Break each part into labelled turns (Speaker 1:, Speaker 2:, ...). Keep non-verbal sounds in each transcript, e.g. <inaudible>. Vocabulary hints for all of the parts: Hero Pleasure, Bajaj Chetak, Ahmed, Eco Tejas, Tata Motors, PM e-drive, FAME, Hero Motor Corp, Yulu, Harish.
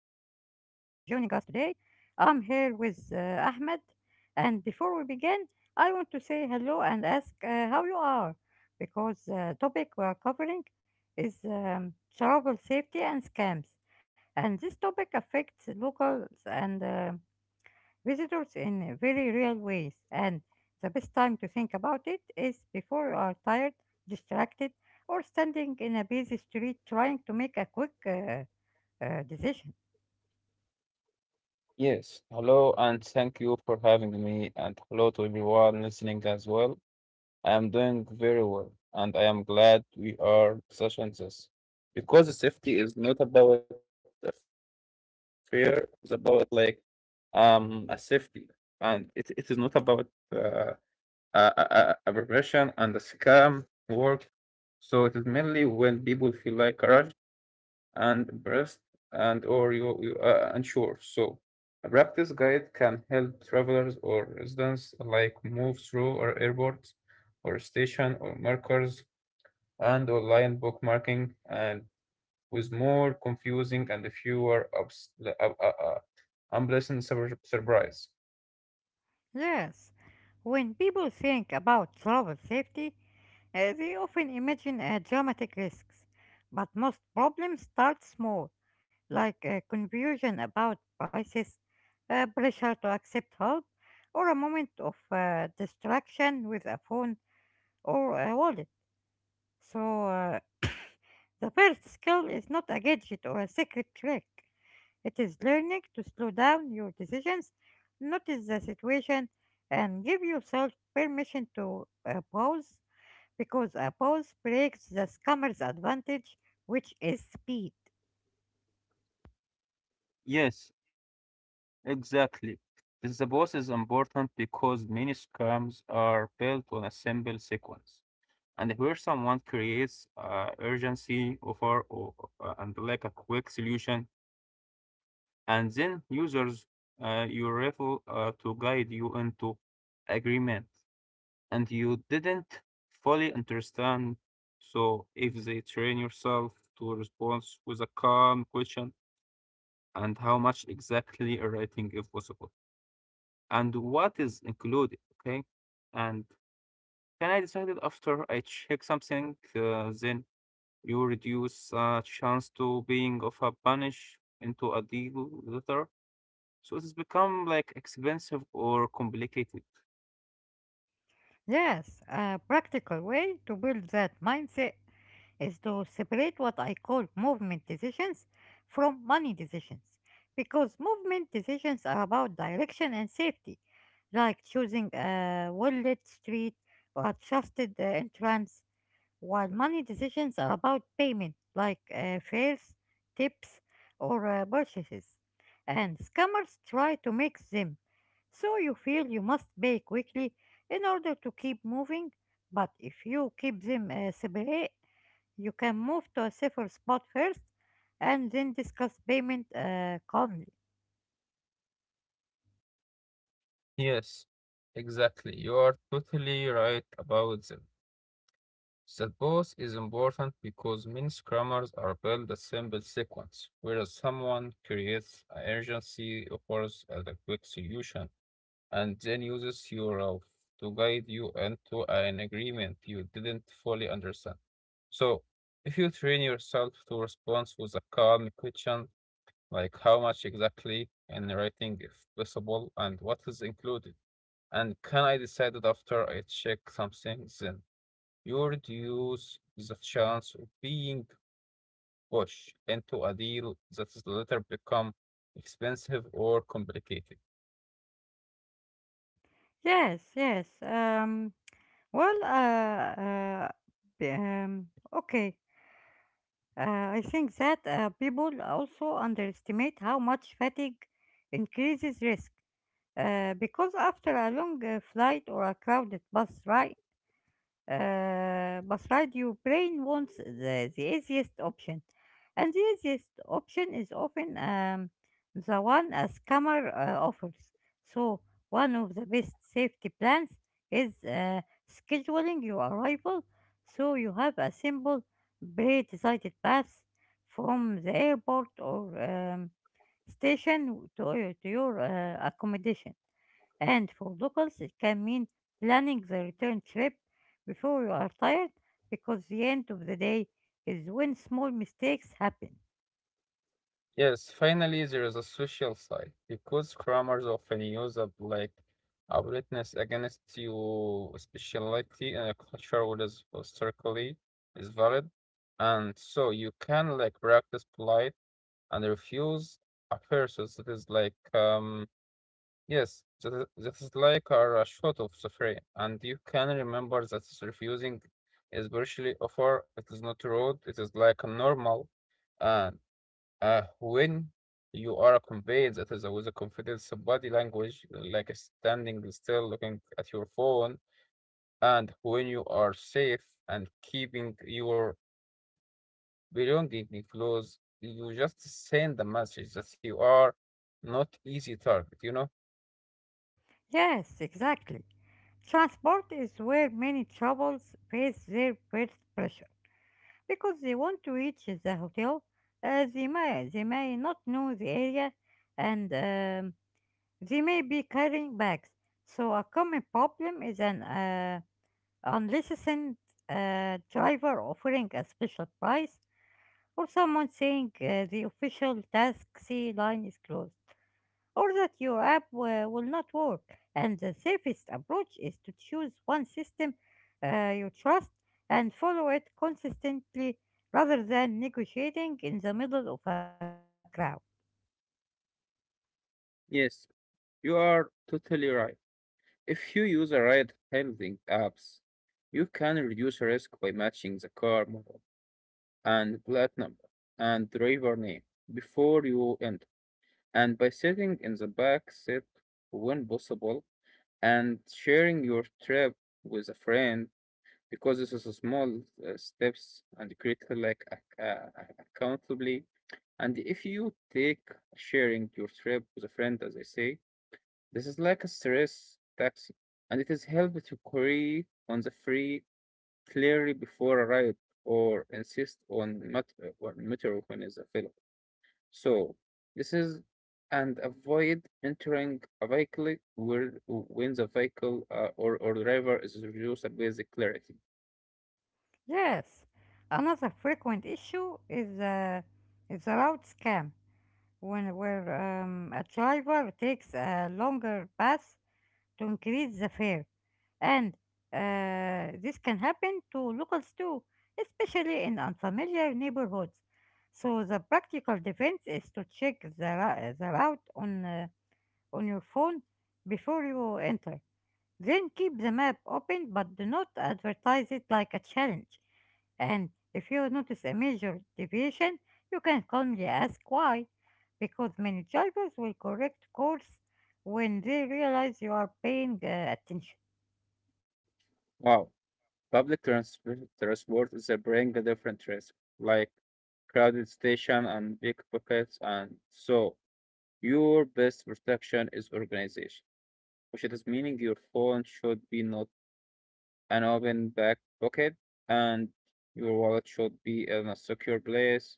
Speaker 1: for joining us today. I'm here with Ahmed. And before we begin, I want to say hello and ask how you are, because the topic we are covering is travel safety and scams. And this topic affects locals and visitors in very real ways. And the best time to think about it is before you are tired, distracted, or standing in a busy street trying to make a quick decision.
Speaker 2: Yes, hello, and thank you for having me, and hello to everyone listening as well. I am doing very well, and I am glad we are discussing this because safety is not about a fear, it's about like a safety, and it is not about uh, a profession and a scam work. So it is mainly when people feel like rushed and breast and or you unsure. So a practice guide can help travelers or residents alike move through our airports or station or markers and online bookmarking and with more confusing and fewer ups, unpleasant surprise.
Speaker 1: Yes, when people think about travel safety, they often imagine dramatic risks, but most problems start small, like confusion about prices, pressure to accept help, or a moment of distraction with a phone or a wallet. So the first skill is not a gadget or a secret trick. It is learning to slow down your decisions, notice the situation, and give yourself permission to pause because a pause breaks the scammer's advantage, which is speed.
Speaker 2: Yes, exactly. This suppose is important because many scams are built on a simple sequence. And where someone creates urgency offer or, and like a quick solution, and then users you refer to guide you into agreement, and you didn't fully understand. So if they train yourself to respond with a calm question and how much exactly a writing if possible and what is included, okay? And can I decide it after I check something then? You reduce a chance to being of a punish into a deal letter. So it has become like expensive or complicated.
Speaker 1: Yes, a practical way to build that mindset is to separate what I call movement decisions from money decisions. Because movement decisions are about direction and safety, like choosing a well lit street or a trusted entrance, while money decisions are about payment, like fares, tips, or purchases. And scammers try to mix them, so you feel you must pay quickly in order to keep moving, but if you keep them separate, you can move to a safer spot first and then discuss payment calmly.
Speaker 2: Yes, exactly. You are totally right about them. That both is important because many scrummers are built a simple sequence, whereas someone creates an urgency, offers as a quick solution, and then uses your route to guide you into an agreement you didn't fully understand. So, if you train yourself to respond with a calm question, like how much exactly in writing, if possible, and what is included, and can I decide it after I check something, then you reduce the chance of being pushed into a deal that is later become expensive or complicated.
Speaker 1: Yes, yes. Well, uh, uh, b- um, okay. I think that people also underestimate how much fatigue increases risk. Because after a long flight or a crowded bus ride, but right, your brain wants the easiest option, and the easiest option is often the one a scammer offers. So, one of the best safety plans is scheduling your arrival so you have a simple, pre-decided path from the airport or station to, to your accommodation. And for locals, it can mean planning the return trip before you are tired because the end of the day is when small mistakes happen.
Speaker 2: Yes, finally, there is a social side because crammers often use a black a witness against you, speciality in a culture what is historically is valid, and so you can like practice polite and refuse offenses. That is like yes, that is like a shot of the frame, and you can remember that is refusing is virtually offer. It is not rude. It is like a normal. Uh, when you are conveyed that is with a confidence of body language, like standing still looking at your phone, and when you are safe and keeping your belonging close, you just send the message that you are not easy target, you know?
Speaker 1: Yes, exactly. Transport is where many troubles face their first pressure because they want to reach the hotel. They may not know the area, and they may be carrying bags. So a common problem is an Unless unlicensed a driver offering a special price, or someone saying the official taxi line is closed, or that your app will not work. And the safest approach is to choose one system you trust and follow it consistently rather than negotiating in the middle of a crowd.
Speaker 2: Yes, you are totally right. If you use a right handling apps, you can reduce risk by matching the car model and plate number and driver name before you enter. And by sitting in the back seat when possible and sharing your trip with a friend because this is a small steps and critical like accountably and if you take sharing your trip with a friend as I say this is like a stress taxi and it is helped to query on the free clearly before a ride or insist on or meter when is available so this is and avoid entering a vehicle where when the vehicle or driver is reduced with clarity.
Speaker 1: Yes, another frequent issue is the route scam when where a driver takes a longer path to increase the fare, and this can happen to locals too, especially in unfamiliar neighborhoods. So the practical defense is to check the route on your phone before you enter. Then keep the map open but do not advertise it like a challenge. And if you notice a major deviation, you can calmly ask why, because many drivers will correct course when they realize you are paying attention.
Speaker 2: Wow, public transport is a bring a different risk, like crowded station and pickpockets, and so your best protection is organization, which it is meaning your phone should be not an open back pocket and your wallet should be in a secure place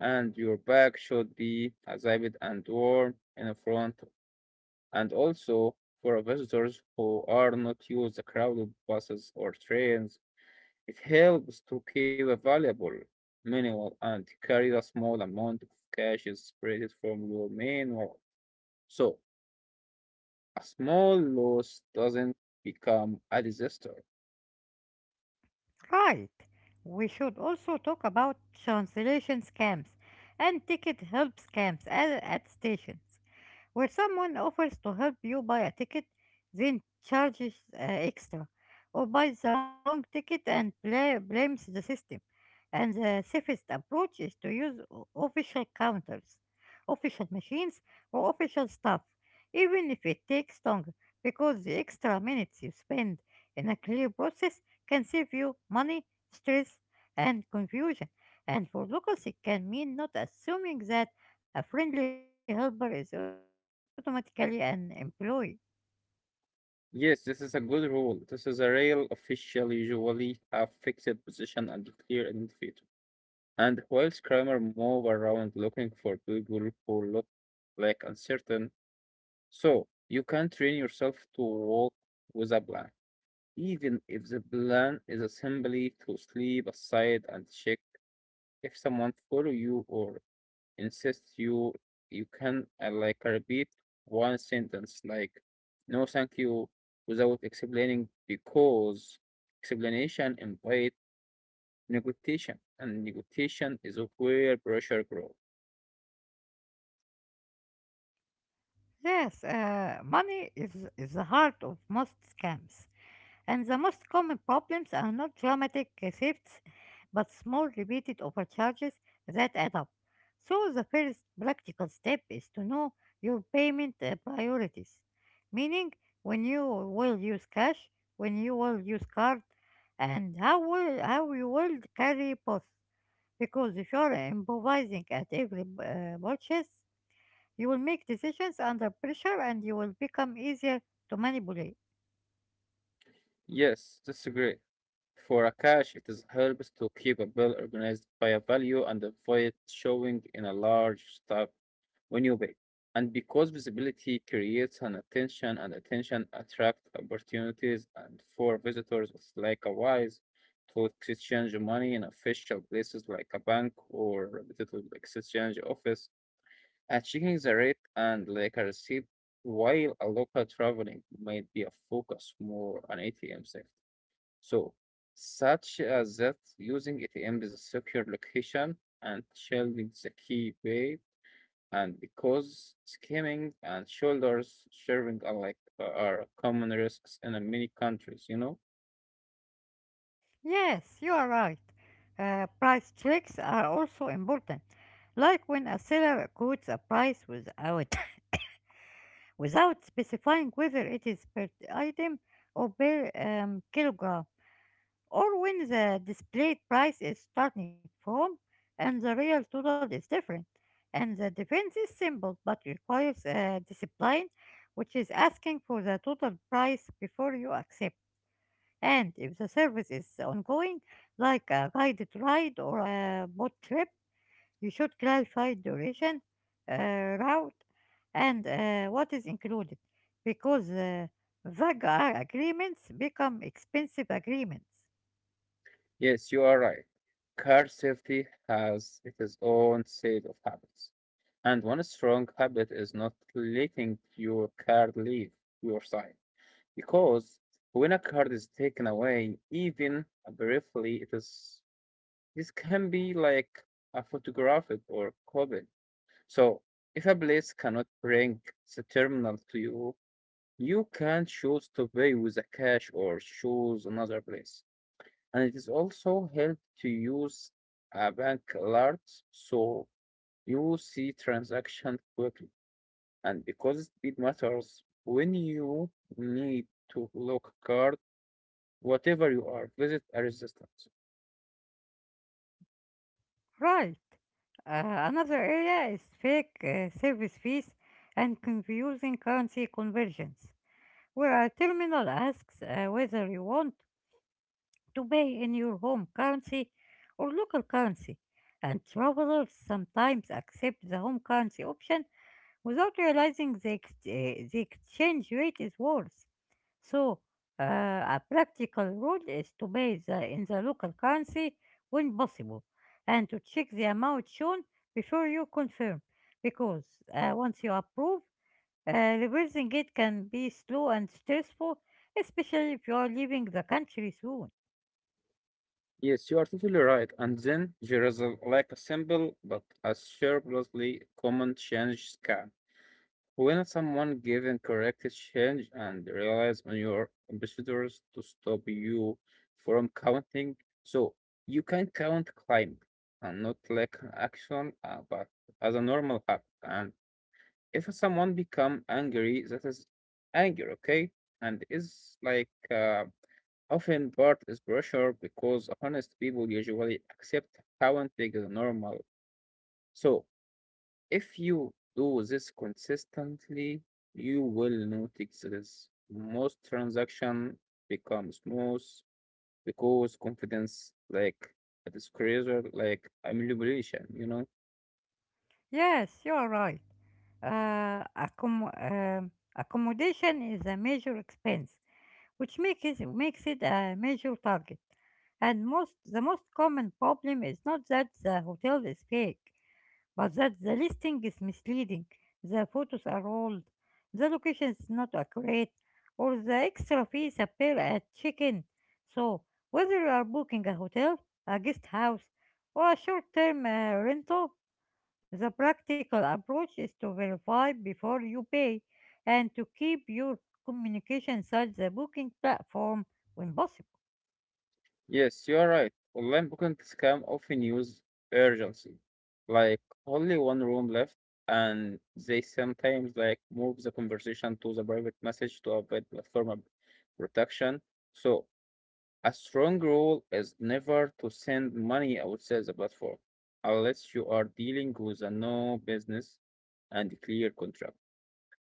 Speaker 2: and your bag should be ziped and warm in front and also for visitors who are not used to crowded buses or trains. It helps to keep a valuable manual and carry a small amount of cash is separated from your main wallet. So a small loss doesn't become a disaster.
Speaker 1: Right. We should also talk about translation scams and ticket help scams at stations, where someone offers to help you buy a ticket, then charges extra, or buys the wrong ticket and blames the system. And the safest approach is to use official counters, official machines, or official stuff, even if it takes longer, because the extra minutes you spend in a clear process can save you money, stress, and confusion. And for locals, it can mean not assuming that a friendly helper is automatically an employee.
Speaker 2: Yes, this is a good rule. This is a real official, usually a fixed position and clear identifier. And whilst Kramer move around looking for people who look like uncertain, so you can train yourself to walk with a plan, even if the plan is simply to sleep aside and check if someone follow you or insists you. You can like repeat one sentence like "No, thank you" without explaining because explanation implies negotiation, and negotiation is where pressure grows.
Speaker 1: Yes, is the heart of most scams. And the most common problems are not dramatic shifts, but small repeated overcharges that add up. So the first practical step is to know your payment priorities, meaning when you will use cash, when you will use card, and how you will carry both. Because if you are improvising at every purchase, you will make decisions under pressure and you will become easier to manipulate.
Speaker 2: Yes, that's great. For a cache, it is helps to keep a bill organized by a value and avoid showing in a large tab when you pay. And because visibility creates an attention and attention attracts opportunities and for visitors, it's like a wise to exchange money in official places like a bank or reputable exchange office. And checking the rate and like a receipt while a local traveling might be a focus more on ATM safety. So, such as that using it in the secure location and shielding the key bay, and because skimming and shoulders sharing are like are common risks in many countries, you know?
Speaker 1: Yes, you are right. Price tricks are also important, like when a seller quotes a price without <coughs> without specifying whether it is per item or per kilogram, or when the displayed price is starting from and the real total is different. And the defense is simple but requires discipline, which is asking for the total price before you accept. And if the service is ongoing, like a guided ride or a boat trip, you should clarify duration, route, and what is included, because vague agreements become expensive agreements.
Speaker 2: Yes, you are right. Car safety has its own set of habits. And one strong habit is not letting your car leave your side. Because when a card is taken away, even briefly, it is this can be like a photographic or coded. So if a place cannot bring the terminal to you, you can choose to pay with a cash or choose another place. And it is also help to use a bank alert so you see transaction quickly. And because speed matters, when you need to lock card, whatever you are, visit a resistance.
Speaker 1: Right. Another area is fake service fees and confusing currency conversions, where a terminal asks whether you want to pay in your home currency or local currency, and travelers sometimes accept the home currency option without realizing the exchange rate is worse. So, uh, a practical rule is to pay in the local currency when possible and to check the amount shown before you confirm because once you approve, reversing it can be slow and stressful, especially if you are leaving the country soon.
Speaker 2: Yes, you are totally right. And then there is a, like a simple but a surprisingly common change scam. When someone gives incorrect change and relies on your ambassadors to stop you from counting, so you can count climb and not like an action, but as a normal habit. And if someone become angry, that is anger, okay, and is like often part is pressure because honest people usually accept counting is normal. So if you do this consistently, you will notice this. Most transaction become smooth because confidence like a disclosure like a amplification, you know.
Speaker 1: Yes, you are right. Uh, accom- um, accommodation is a major expense, which makes it a major target. And most the most common problem is not that the hotel is fake, but that the listing is misleading, the photos are old, the location is not accurate, or the extra fees appear at check-in. So whether you are booking a hotel, a guest house, or a short-term rental, the practical approach is to verify before you pay and to keep your communication inside the booking platform when possible.
Speaker 2: Yes, you are right. Online booking scam often use urgency, like only one room left, and they sometimes like move the conversation to the private message to avoid platform protection. So a strong rule is never to send money outside the platform unless you are dealing with a no business and clear contract.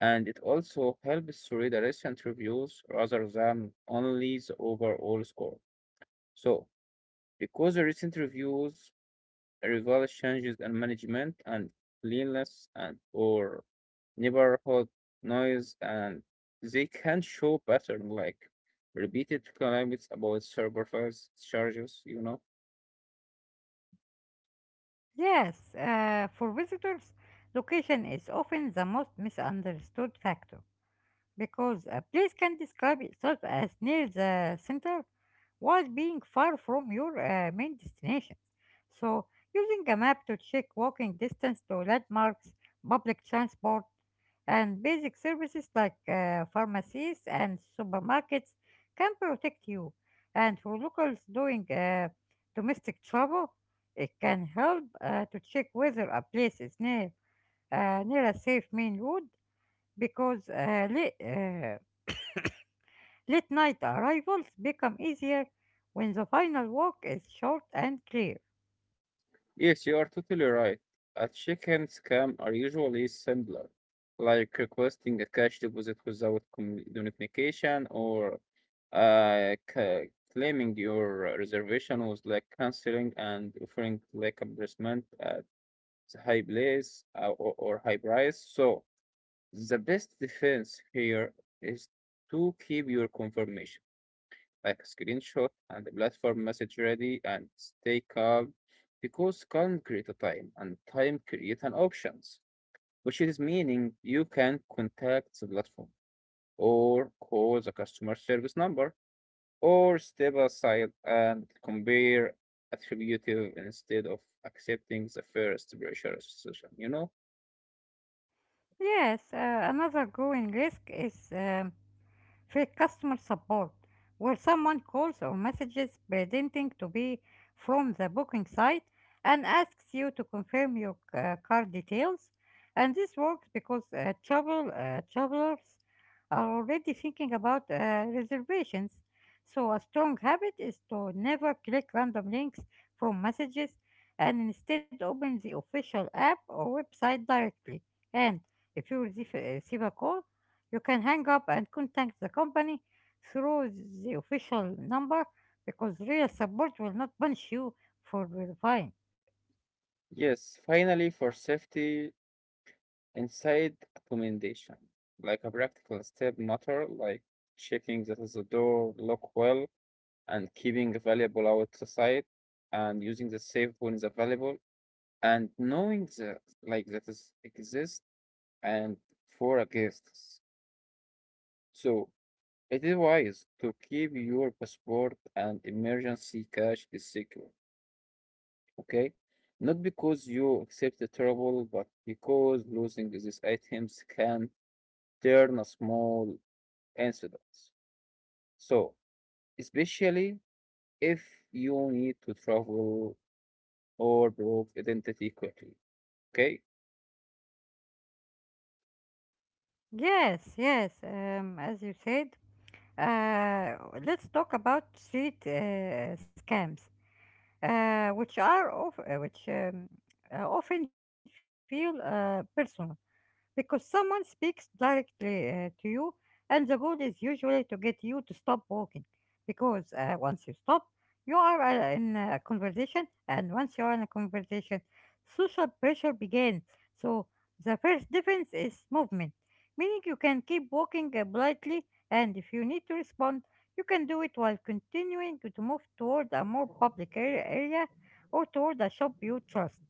Speaker 2: And it also helps to read the recent reviews rather than only the overall score. So because the recent reviews reveal changes in management and cleanliness and or neighborhood noise and they can show pattern like repeated complaints about service charges, you know.
Speaker 1: Yes, for visitors, location is often the most misunderstood factor, because a place can describe itself as near the center while being far from your main destination. So, using a map to check walking distance to landmarks, public transport, and basic services like pharmacies and supermarkets can protect you. And for locals doing domestic travel, it can help to check whether a place is near a safe main road because late night arrivals become easier when the final walk is short and clear.
Speaker 2: Yes, you are totally right. A chicken scam are usually simpler, like requesting a cash deposit without communication or uh, ca- claiming your reservation was like canceling and offering like embarrassment at high place or high price. So the best defense here is to keep your confirmation like a screenshot and the platform message ready and stay calm because can create a time and time create an options, which is meaning you can contact the platform or call the customer service number or step aside and compare attributive instead of accepting the first pressure session, you know?
Speaker 1: Yes, another growing risk is في customer support where someone calls or messages pretending to be from the booking site and asks you to confirm your card details. And this works because travelers are already thinking about reservations. So a strong habit is to never click random links from messages and instead open the official app or website directly. And if you receive a call, you can hang up and contact the company through the official number because real support will not punish you for verifying.
Speaker 2: Yes, finally for safety, inside accommodation, like a practical step matter, like checking that the door lock well and keeping the valuable outside and using the safe when it's available and knowing that like that is exist and for a guests. So it is wise to keep your passport and emergency cash is secure. Okay? Not because you accept the trouble, but because losing these items can turn a small incidents. So, especially if you need to travel or prove identity quickly. Okay?
Speaker 1: Yes, yes, as you said, uh, let's talk about street scams, which are of, which often feel personal, because someone speaks directly to you, and the goal is usually to get you to stop walking. Because once you stop, you are in a conversation, and once you are in a conversation, social pressure begins. So the first difference is movement, meaning you can keep walking politely, and if you need to respond, you can do it while continuing to move toward a more public area or toward a shop you trust.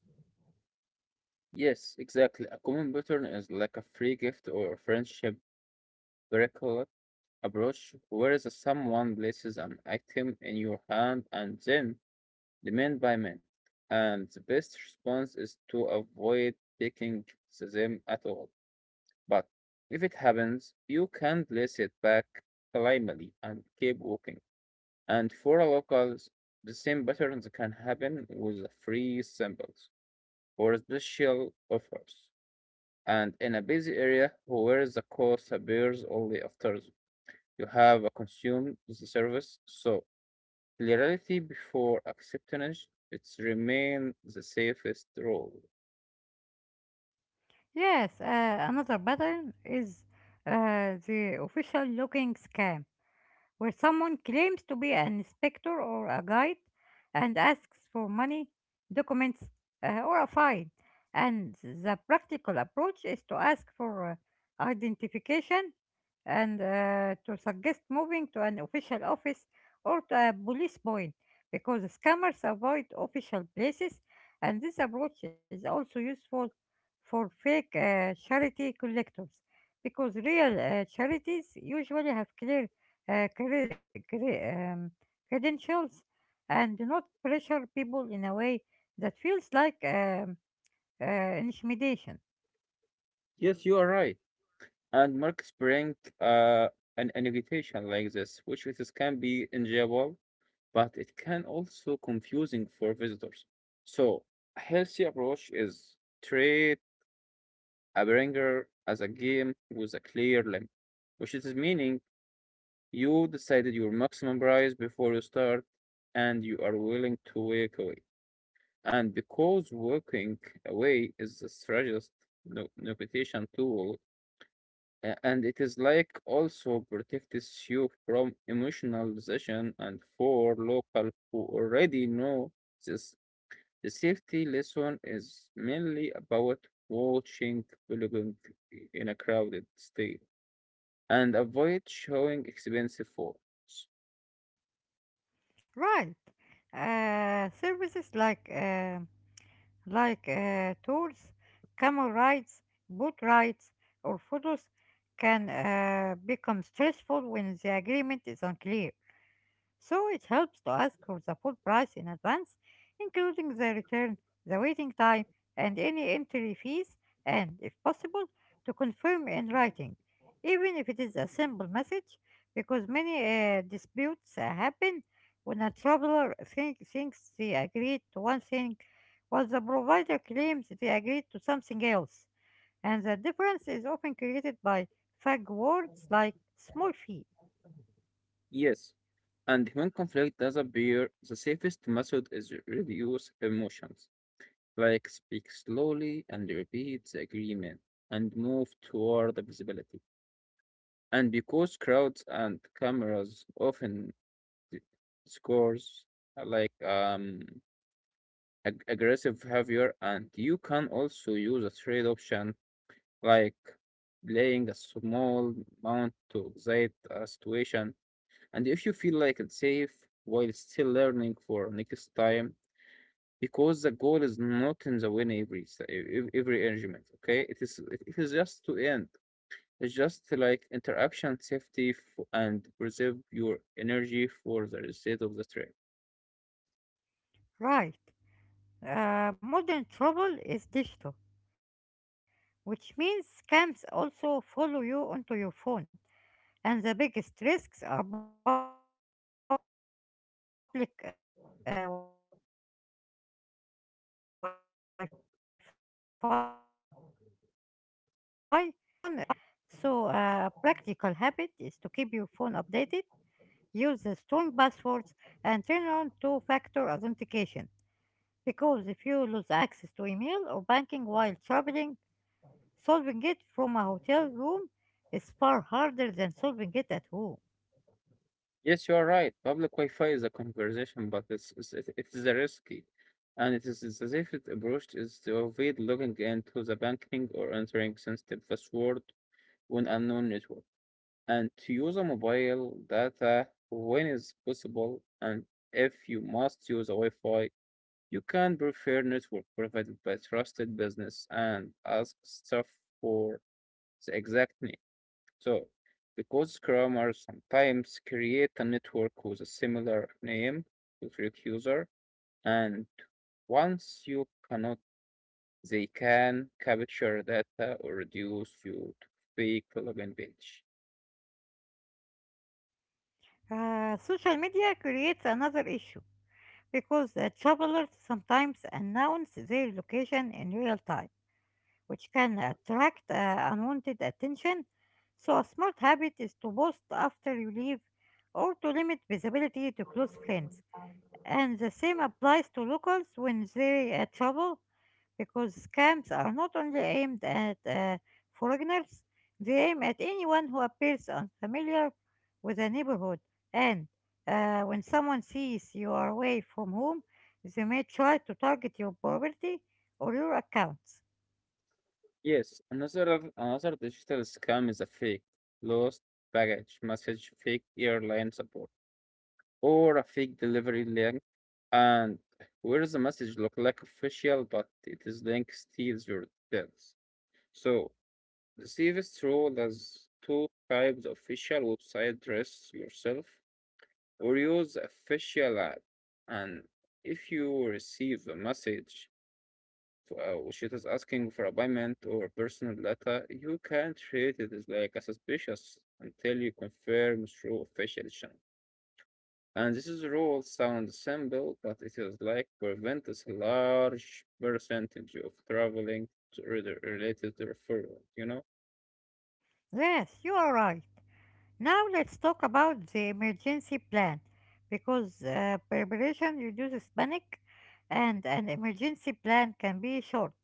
Speaker 2: Yes, exactly. A common pattern is like a free gift or a friendship miracle approach, whereas someone places an item in your hand and then demand payment. And the best response is to avoid taking them at all. But if it happens, you can place it back calmly and keep walking. And for a locals, the same patterns can happen with free samples or special offers. And in a busy area where the cost appears only after you have consumed the service, so clarity before acceptance, it's remain the safest rule.
Speaker 1: Yes, another pattern is the official looking scam where someone claims to be an inspector or a guide and asks for money, documents, or a fine. And the practical approach is to ask for identification and to suggest moving to an official office or to a police point because scammers avoid official places, and this approach is also useful for fake charity collectors because real charities usually have clear uh, cre- cre- um, credentials and do not pressure people in a way that feels like intimidation.
Speaker 2: Yes, you are right. And marks bring uh, an invitation like this, which it is can be enjoyable but it can also confusing for visitors. So a healthy approach is treat a bringer as a game with a clear limit, which is meaning you decided your maximum price before you start and you are willing to walk away. And because walking away is the strongest negotiation tool, and it is like also protects you from emotionalization and for local who already know this the safety lesson is mainly about watching belonging in a crowded state and avoid showing expensive photos.
Speaker 1: Right. Services like tours, camel rides, boat rides, or photos can become stressful when the agreement is unclear. So it helps to ask for the full price in advance, including the return, the waiting time, and any entry fees, and if possible, to confirm in writing, even if it is a simple message, because many disputes happen when a traveler thinks they agreed to one thing, while the provider claims they agreed to something else, and the difference is often created by vague words like small fee.
Speaker 2: Yes, and when conflict does appear, the safest method is reduce emotions, like speak slowly and repeat the agreement and move toward the visibility. And because crowds and cameras often d- scores like aggressive behavior, and you can also use a trade option like playing a small amount to excite a situation. And if you feel like it's safe while still learning for next time, because the goal is not in the win every every argument. Okay, it is just to end. It's just like interaction safety and preserve your energy for the reset of the trade.
Speaker 1: Right. Modern trouble is digital, which means scams also follow you onto your phone. And the biggest risks are public Wi Fi, fake links, and social engineering, where someone convinces you to reveal information. So, a practical habit is to keep your phone updated, use the strong passwords, and turn on two factor authentication. Because if you lose access to email or banking while traveling, solving it from a hotel room is far harder than solving it at home.
Speaker 2: Yes, you are right. Public Wi-Fi is a conversation, but it is a risky, and it's as if it approached is to avoid logging into the banking or entering sensitive password on unknown network, and to use a mobile data when is possible, and if you must use a Wi-Fi, you can prefer network provided by trusted business and ask staff for the exact name. So, because Scrummers sometimes create a network with a similar name with your user, and once you cannot, they can capture data or reduce you to fake login page.
Speaker 1: Social media creates another issue because the travelers sometimes announce their location in real time, which can attract unwanted attention. So, a smart habit is to post after you leave or to limit visibility to close friends. And the same applies to locals when they travel, because scams are not only aimed at foreigners, they aim at anyone who appears unfamiliar with the neighborhood. And when someone sees you are away from home, they may try to target your property or your accounts.
Speaker 2: Yes, another digital scam is a fake lost baggage message, fake airline support, or a fake delivery link, and where the message look like official, but it is link steals your details. So the safest role is through there's two types official website dress yourself or use official app. And if you receive a message for, which it is asking for a payment or personal data, you can treat it as like a suspicious until you confirm through official channel. And this is rule sounds simple, but it is like prevents a large percentage of traveling to, related to referral, you know?
Speaker 1: Yes, you are right. Now let's talk about the emergency plan because preparation reduces panic, and an emergency plan can be short,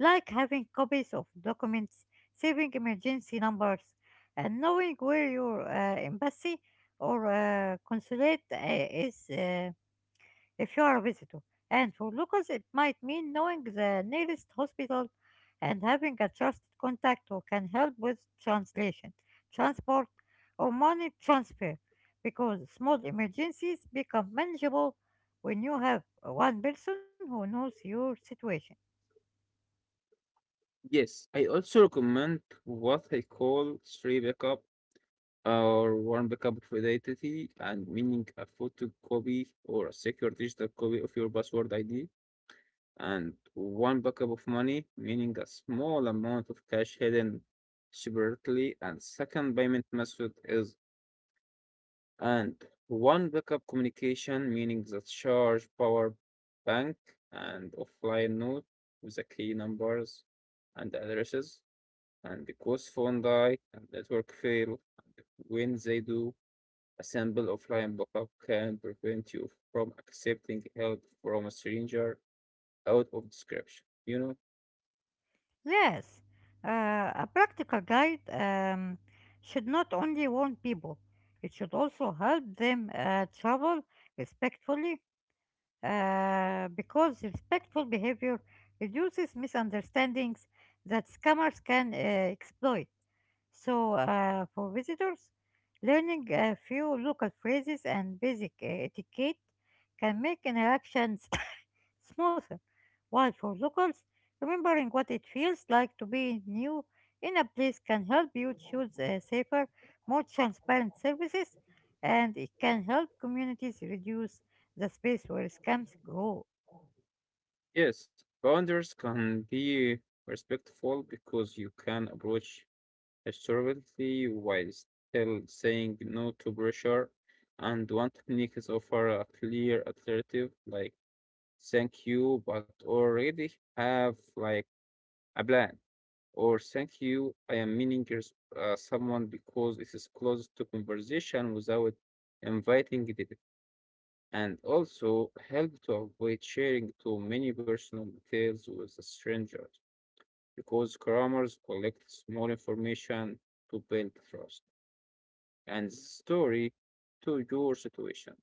Speaker 1: like having copies of documents, saving emergency numbers, and knowing where your embassy or consulate is. If you are a visitor. And for locals, it might mean knowing the nearest hospital and having a trusted contact who can help with translation, transport, or money transfer, because small emergencies become manageable when you have one person who knows your situation.
Speaker 2: Yes, I also recommend what I call three backup or one backup of identity, and meaning a photocopy or a secure digital copy of your password ID, and one backup of money, meaning a small amount of cash hidden separately, and second payment method is and one backup communication, meaning the charge, power bank, and offline note with the key numbers and addresses and because phone die and network fail, and when they do, a simple offline backup can prevent you from accepting help from a stranger out of description.
Speaker 1: Yes, a practical guide should not only warn people, it should also help them travel respectfully because respectful behavior reduces misunderstandings that scammers can exploit. So, for visitors, learning a few local phrases and basic etiquette can make interactions <coughs> smoother, while for locals, remembering what it feels like to be new in a place can help you choose safer, more transparent services, and it can help communities reduce the space where scams grow.
Speaker 2: Yes, boundaries can be respectful because you can approach assertively while still saying no to pressure. And one technique is offer a clear alternative like thank you, but already have like a plan or thank you. I am meaning someone because it is close to conversation without inviting it, and also help to avoid sharing too many personal details with a stranger because crammers collect small information to build trust and story to your situation.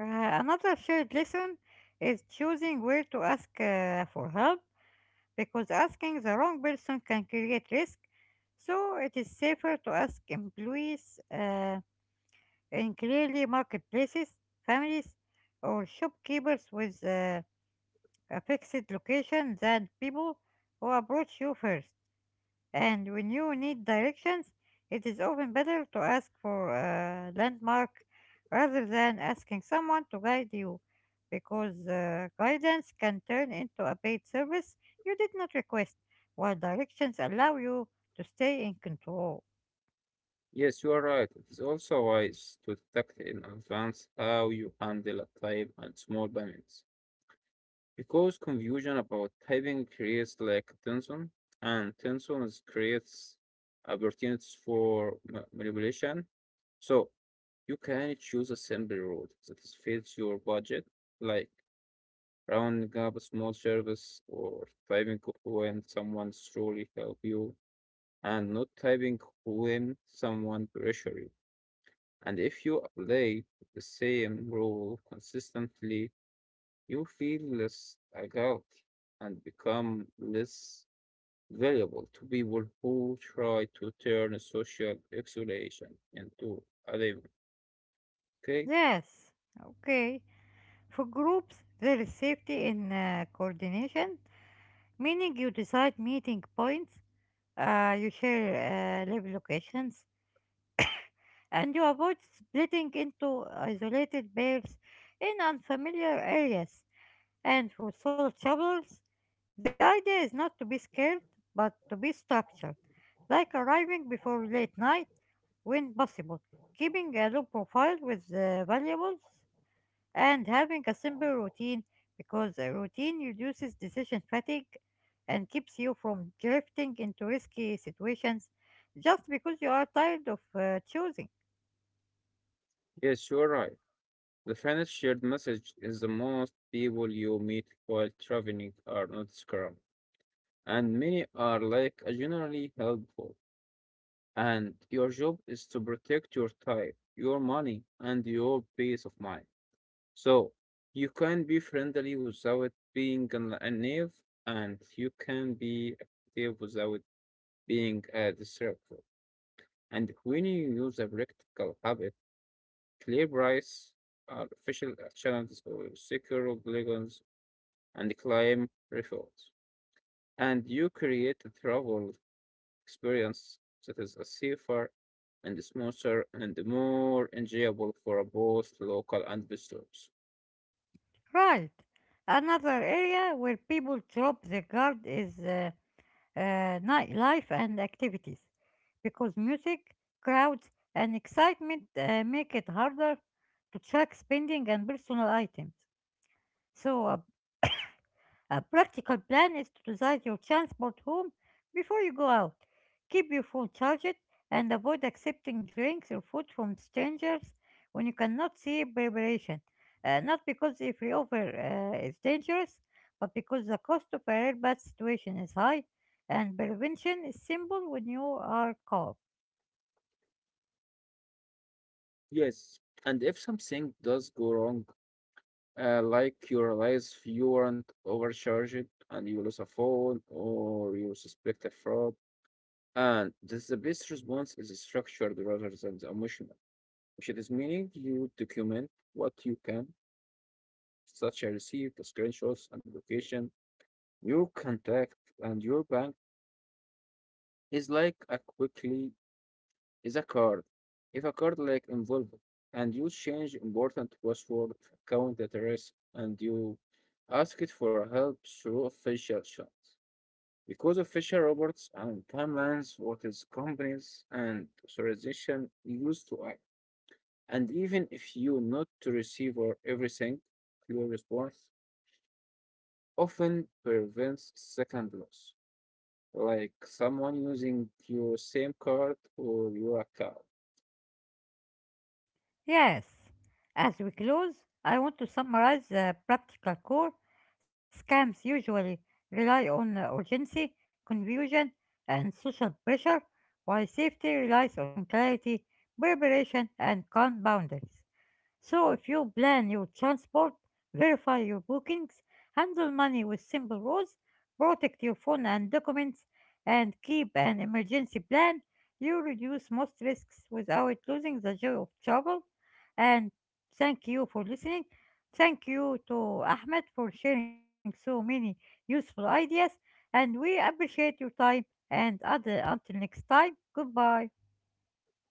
Speaker 1: Another shared lesson is choosing where to ask for help, because asking the wrong person can create risk. So it is safer to ask employees in clearly marketplaces, families, or shopkeepers with a fixed location than people who approach you first. And when you need directions, it is often better to ask for a landmark rather than asking someone to guide you, because guidance can turn into a paid service you did not request, while directions allow you to stay in control.
Speaker 2: Yes, you are right. It's also wise to detect in advance how you handle a time and small payments because confusion about typing creates like tension, and tension is creates opportunities for manipulation. So you can choose a simple route that is fits your budget, like rounding up a small service or typing when someone's truly help you, and not typing when someone pressure you. And if you apply the same rule consistently, you feel less agile and become less valuable to people who try to turn social isolation into alignment. Okay?
Speaker 1: Yes, okay. For groups, there is safety in coordination, meaning you decide meeting points, you share live locations, and you avoid splitting into isolated pairs in unfamiliar areas. And for solo travelers, the idea is not to be scared, but to be structured, like arriving before late night when possible, keeping a low profile with valuables, and having a simple routine, because a routine reduces decision fatigue and keeps you from drifting into risky situations just because you are tired of choosing.
Speaker 2: Yes, you are right. The final shared message is the most people you meet while traveling are not scrum, and many are like generally helpful. And your job is to protect your time, your money, and your peace of mind. So you can be friendly without being a knave, and you can be active without being disrespectful. And when you use a practical habit, clear price, artificial channels, or secure obligations, and claim referrals, and you create a travel experience that is a safer and smoother and more enjoyable for both local and visitors.
Speaker 1: Right. Another area where people drop the guard is uh, nightlife and activities, because music, crowds, and excitement make it harder to track spending and personal items. So, a practical plan is to decide your transport home before you go out. Keep your phone charged and avoid accepting drinks or food from strangers when you cannot see preparation. Not because if we offer is dangerous, but because the cost of a real bad situation is high and prevention is simple when you are calm.
Speaker 2: Yes, and if something does go wrong, uh, like you realize you aren't overcharged and you lose a phone or you suspect a fraud. And this the best response is structured rather than the emotional, which it is meaning you document what you can, such as receipt, screenshots, and location, your contact, and your bank is like a quickly is a card. If a card like involved and you change important password, count at risk, and you ask it for help through official chat. Because official robots and timelines, what is companies and authorization used to act. And even if you not to receive or everything, your response often prevents second loss, like someone using your same card or your account.
Speaker 1: Yes. As we close, I want to summarize the practical core. Scams usually rely on urgency, confusion, and social pressure, while safety relies on clarity, preparation, and calm boundaries. So if you plan your transport, verify your bookings, handle money with simple rules, protect your phone and documents, and keep an emergency plan, you reduce most risks without losing the joy of travel. And thank you for listening. Thank you to Ahmed for sharing so many useful ideas, and we appreciate your time and other until next time. Goodbye.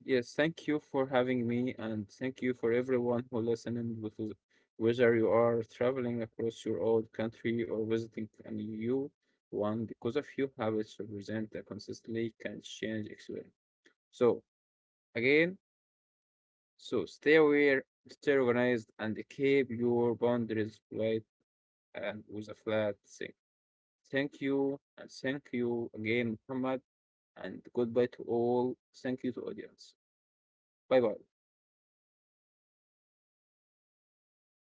Speaker 2: Yes, thank you for having me, and thank you for everyone who listening, whether you are traveling across your old country or visiting a new one, because of you, habits represent a consistently can change experience. So again, so stay aware, stay organized, and keep your boundaries light and with a flat thing. Thank you, and thank you again, Muhammad, and goodbye to all. Thank you to audience. Bye bye.